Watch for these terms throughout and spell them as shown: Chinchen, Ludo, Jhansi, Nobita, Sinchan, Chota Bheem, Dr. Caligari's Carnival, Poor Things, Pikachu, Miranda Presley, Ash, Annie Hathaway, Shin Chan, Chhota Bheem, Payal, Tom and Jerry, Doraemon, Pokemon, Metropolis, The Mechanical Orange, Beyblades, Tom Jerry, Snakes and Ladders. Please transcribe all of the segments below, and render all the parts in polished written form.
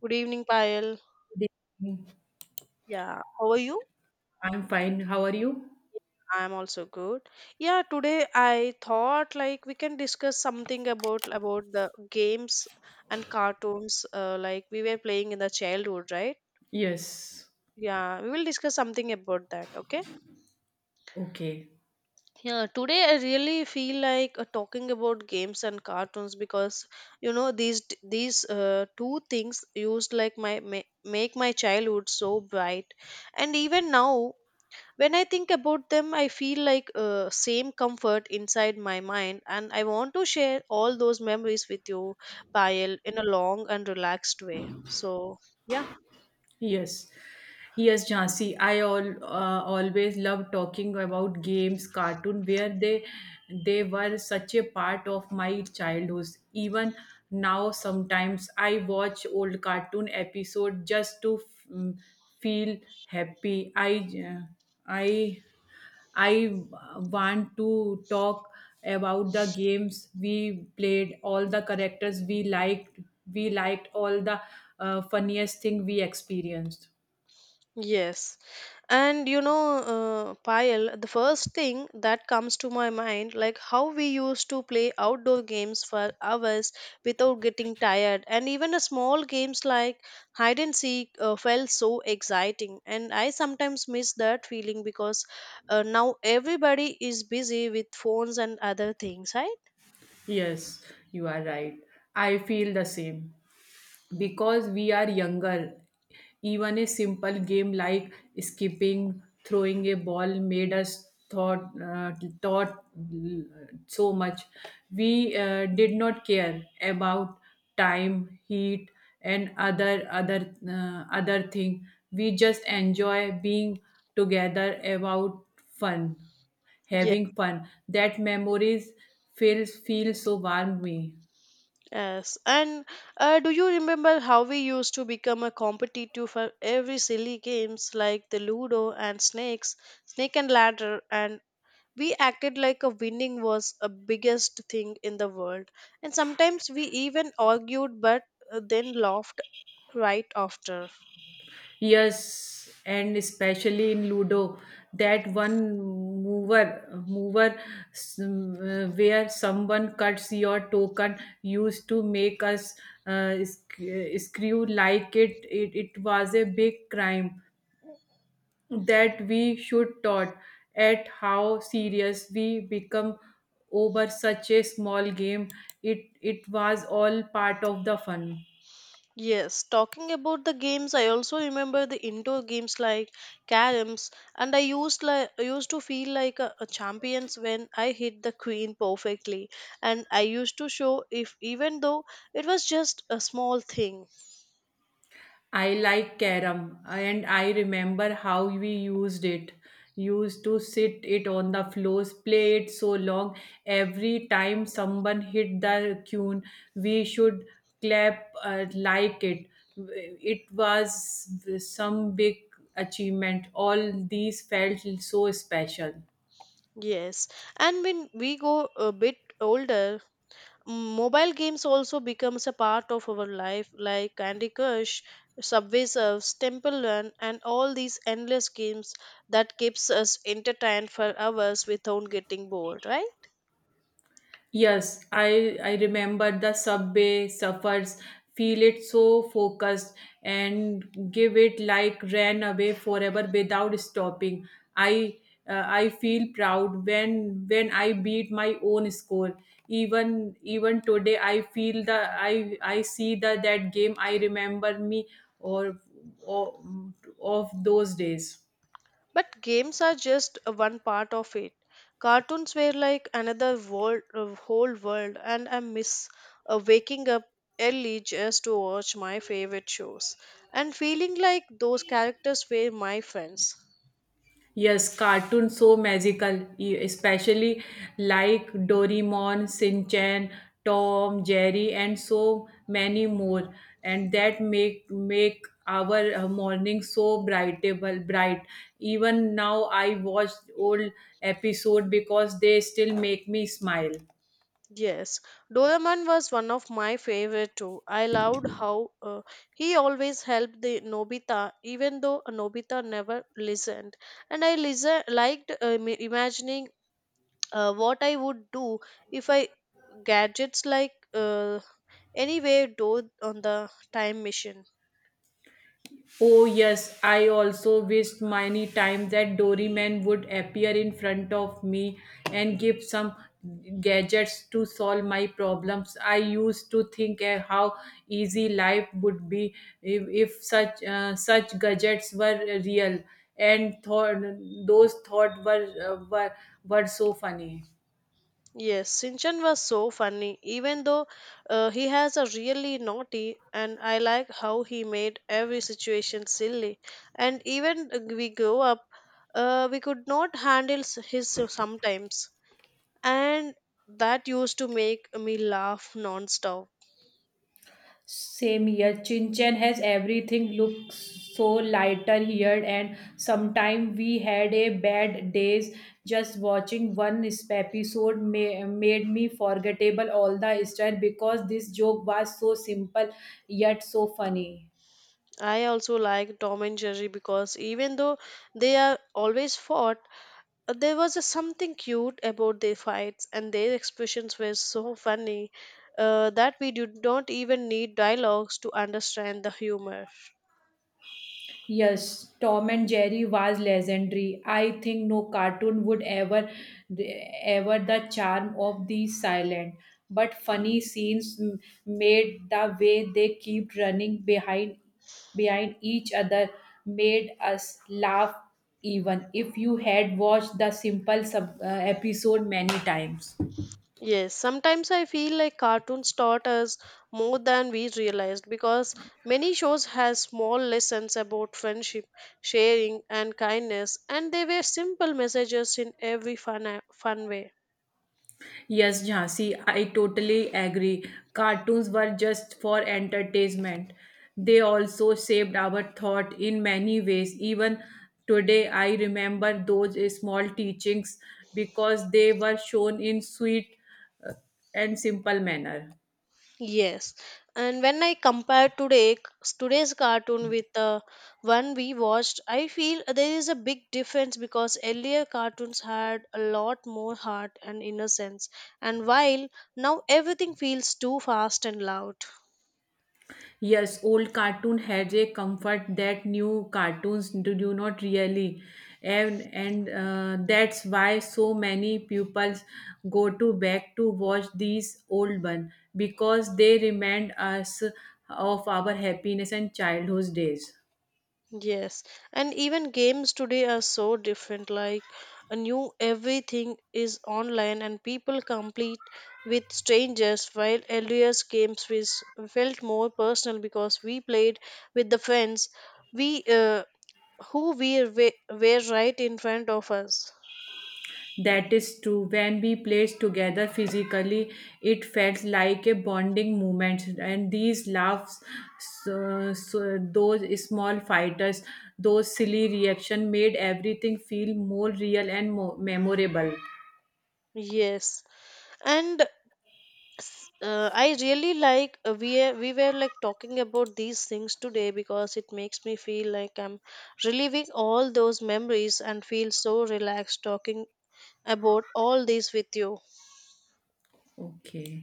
Good evening, Payal. Good evening. Yeah, how are you? I'm fine. How are you? I'm also good. Yeah, today I thought like we can discuss something about the games and cartoons like we were playing in the childhood, right? Yes. Yeah, we will discuss something about that, okay? Okay. Yeah, today I really feel like talking about games and cartoons because you know these two things used like my make my childhood so bright, and even now when I think about them, I feel like same comfort inside my mind, and I want to share all those memories with you, Payal, in a long and relaxed way. So, yeah, Yes. Yes, Jhansi. I all always love talking about games, cartoon, where they were such a part of my childhood. Even now, sometimes I watch old cartoon episode just to mm, feel happy. Uh, I I want to talk about the games we played, all the characters we liked all the funniest thing we experienced. yes. And you know, Payal, the first thing that comes to my mind, like how we used to play outdoor games for hours without getting tired, and even a small games like hide and seek felt so exciting. And I sometimes miss that feeling because now everybody is busy with phones and other things, right? Yes, you are right. I feel the same. Because we are younger, even a simple game like skipping throwing a ball made us thought thought so much. We did not care about time heat and other thing. We just enjoy being together about fun, having fun. That memories feel so warm me. Yes, and do you remember how we used to become a competitive for every silly games like the Ludo and Snakes, Snake and Ladder, and we acted like a winning was a biggest thing in the world. And sometimes we even argued, but then laughed right after. Yes, and especially in Ludo, that one mover where someone cuts your token used to make us screw like it. It was a big crime that we should taught at how serious we become over such a small game. It was all part of the fun. Yes, talking about the games, I also remember the indoor games like caroms, and I used to feel like a champions when I hit the queen perfectly, and I used to show if even though it was just a small thing. I like carom and I remember how we used it. Used to sit it on the floors, play it so long. Every time someone hit the tune, we should clap like it. It was some big achievement. All these felt so special. Yes, and when we go a bit older, Mm, mobile games also becomes a part of our life like Candy Crush, Subway Surfs, Temple Run, and all these endless games that keeps us entertained for hours without getting bored, right? Yes, I remember the subway suffers, feel it so focused and give it like ran away forever without stopping. I I feel proud when I beat my own score. Even even today, I feel the I see the that game. I remember me or, or of those days. But games are just one part of it. Cartoons were like another world whole world and I miss waking up early just to watch my favorite shows and feeling like those characters were my friends. Yes, cartoons so magical, especially like Doraemon, Shin Chan, Tom, Jerry, and so many more. And that make our morning so brightable, bright. Even now, I watch old episode because they still make me smile. Yes, Doraemon was one of my favorite too. I loved how he always helped the Nobita, even though Nobita never listened. And I listen liked im- imagining what I would do if I gadgets like anywhere door on the time machine. Oh yes, I also wished many times that Doryman would appear in front of me and give some gadgets to solve my problems. I used to think eh, how easy life would be if such such gadgets were real, and thought those thoughts were were so funny. Yes, Sinchan was so funny, even though he has a really naughty, and I like how he made every situation silly. And even we grow up, we could not handle his sometimes, and that used to make me laugh non-stop. Same here. Chinchen has everything looks so lighter here and sometimes we had a bad days. Just watching one episode may, made me forgettable all the style because this joke was so simple yet so funny. I also like Tom and Jerry because even though they are always fought, there was a something cute about their fights, and their expressions were so funny that we did not even need dialogues to understand the humor. Yes, Tom and Jerry was legendary. I think no cartoon would ever, ever the charm of the silent but funny scenes made the way they keep running behind each other made us laugh even if you had watched the simple episode many times. Yes, sometimes I feel like cartoons taught us more than we realized because many shows has small lessons about friendship, sharing and kindness and they were simple messages in every fun way. Yes, Jhansi, I totally agree. Cartoons were just for entertainment. They also shaped our thought in many ways. Even today, I remember those small teachings because they were shown in sweet uh, and simple manner. Yes, and when I compare today's cartoon with the one we watched, I feel there is a big difference because earlier cartoons had a lot more heart and innocence, and while now everything feels too fast and loud. Yes, old cartoon had a comfort that new cartoons do not really, and that's why so many pupils go to back to watch these old one because they remind us of our happiness and childhood days. Yes, and even games today are so different. Like a new everything is online, and people compete with strangers. While earlier games was felt more personal because we played with the friends, we who we were right in front of us. That is true. When we played together physically, it felt like a bonding moment. And these laughs, so those small fighters, those silly reactions made everything feel more real and more memorable. Yes, and I really like we were like talking about these things today because it makes me feel like I'm reliving all those memories and feel so relaxed talking about all this with you. Okay.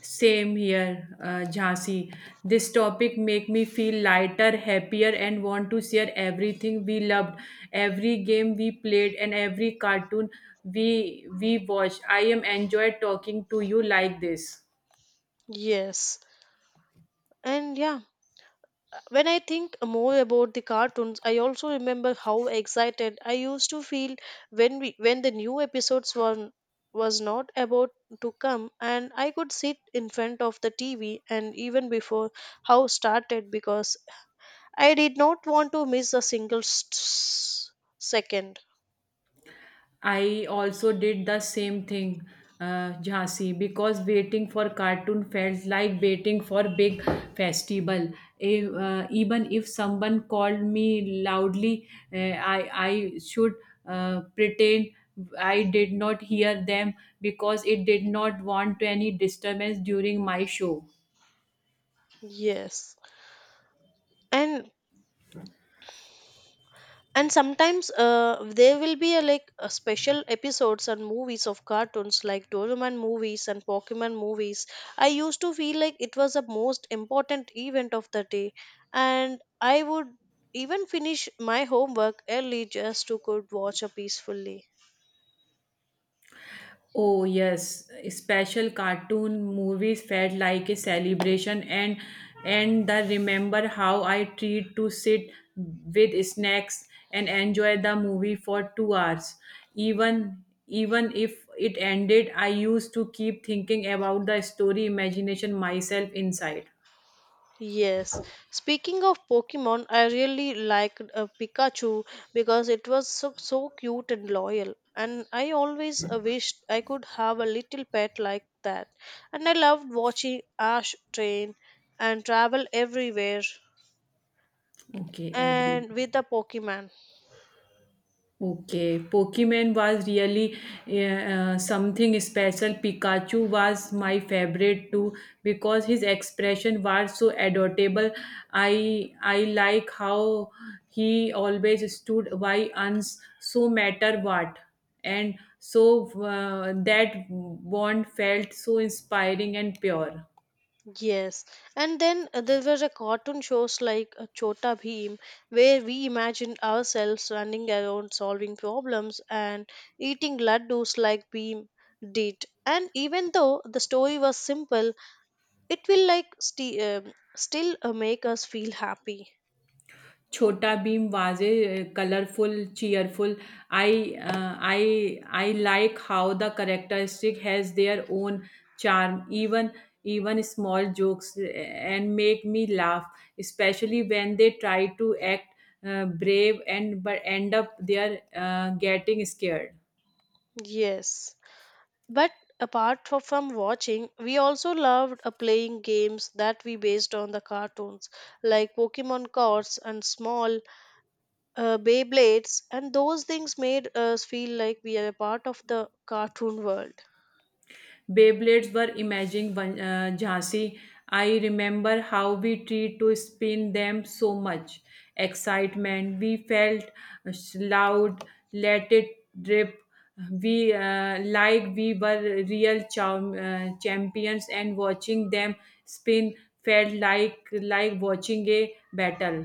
Same here, Jhansi. This topic make me feel lighter, happier, and want to share everything we loved, every game we played, and every cartoon we watched. I am enjoyed talking to you like this. Yes. And yeah, when I think more about the cartoons, I also remember how excited I used to feel when the new episodes were was not about to come and I could sit in front of the TV and even before how started because I did not want to miss a single second. I also did the same thing, Jhansi, because waiting for cartoon felt like waiting for big festival. If, Even if someone called me loudly, I should pretend I did not hear them because it did not want any disturbance during my show. Yes. And sometimes there will be a, like a special episodes and movies of cartoons like Doraemon movies and Pokemon movies. I used to feel like it was the most important event of the day, and I would even finish my homework early just to could watch a peacefully. Oh, yes, special cartoon movies felt like a celebration and the remember how I treat to sit with snacks and enjoy the movie for 2 hours. Even even if it ended, I used to keep thinking about the story imagination myself inside. Yes. Speaking of Pokemon, I really liked Pikachu because it was so, so cute and loyal. And I always wished I could have a little pet like that. And I loved watching Ash train and travel everywhere Okay, every and with the Pokemon. Okay, Pokemon was really something special. Pikachu was my favorite too because his expression was so adorable. I like how he always stood by uns, so matter what, and so that bond felt so inspiring and pure. Yes, and then there was a cartoon shows like Chota Bheem, where we imagined ourselves running around solving problems and eating laddus like Bheem did. And even though the story was simple, it will like still make us feel happy. Chhota Bheem was a colorful, cheerful. I like how the characteristic has their own charm. Even even small jokes and make me laugh, especially when they try to act brave and but end up they are getting scared. Yes, but apart from watching, we also loved playing games that we based on the cartoons, like Pokemon cards and small Beyblades, and those things made us feel like we are a part of the cartoon world. Beyblades were imaging one- Jhansi. I remember how we tried to spin them so much excitement. We felt loud, let it drip. We like we were real champions, and watching them spin felt like watching a battle.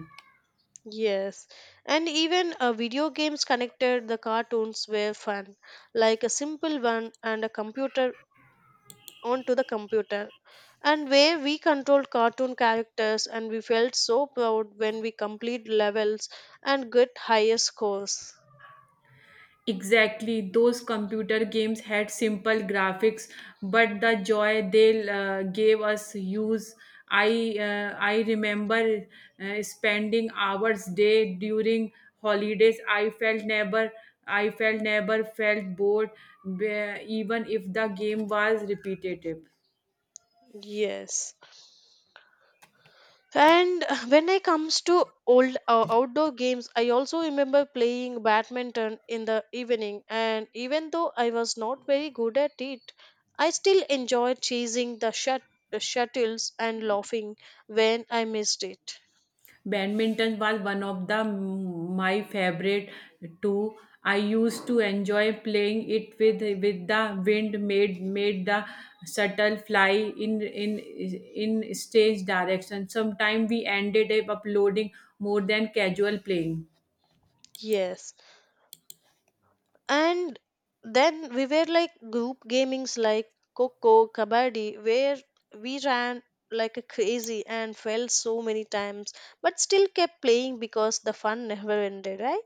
Yes, and even video games connected the cartoons were fun, like a simple one and a computer onto the computer, and where we controlled cartoon characters and we felt so proud when we complete levels and get higher scores. Exactly, those computer games had simple graphics, but the joy they gave us use. I remember spending hours day during holidays. I felt never felt bored, even if the game was repetitive. Yes. And when it comes to old outdoor games, I also remember playing badminton in the evening. And even though I was not very good at it, I still enjoyed chasing the shuttles and laughing when I missed it. Badminton was one of the my favorite too. I used to enjoy playing it with the wind made the shuttle fly in in in stage direction. Sometimes we ended up uploading more than casual playing. Yes. And then we were like group gamings like Coco, Kabaddi, where we ran like a crazy and fell so many times, but still kept playing because the fun never ended, right?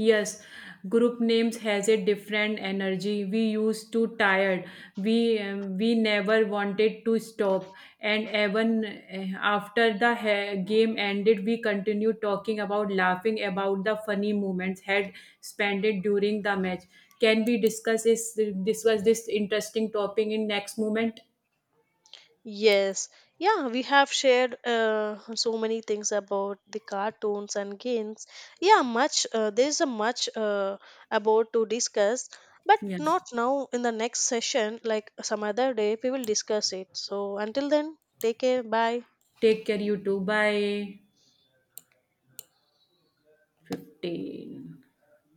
Yes, group names has a different energy. We used to tired. We never wanted to stop. And even after the game ended, we continued talking about laughing about the funny moments had spent it during the match. Can we discuss this interesting topic in next moment? Yes, yeah, we have shared so many things about the cartoons and games. Yeah, much there's a much about to discuss, but Yes. not now. In the next session, like some other day, we will discuss it. So until then, take care. Bye. Take care, you too. Bye. 15.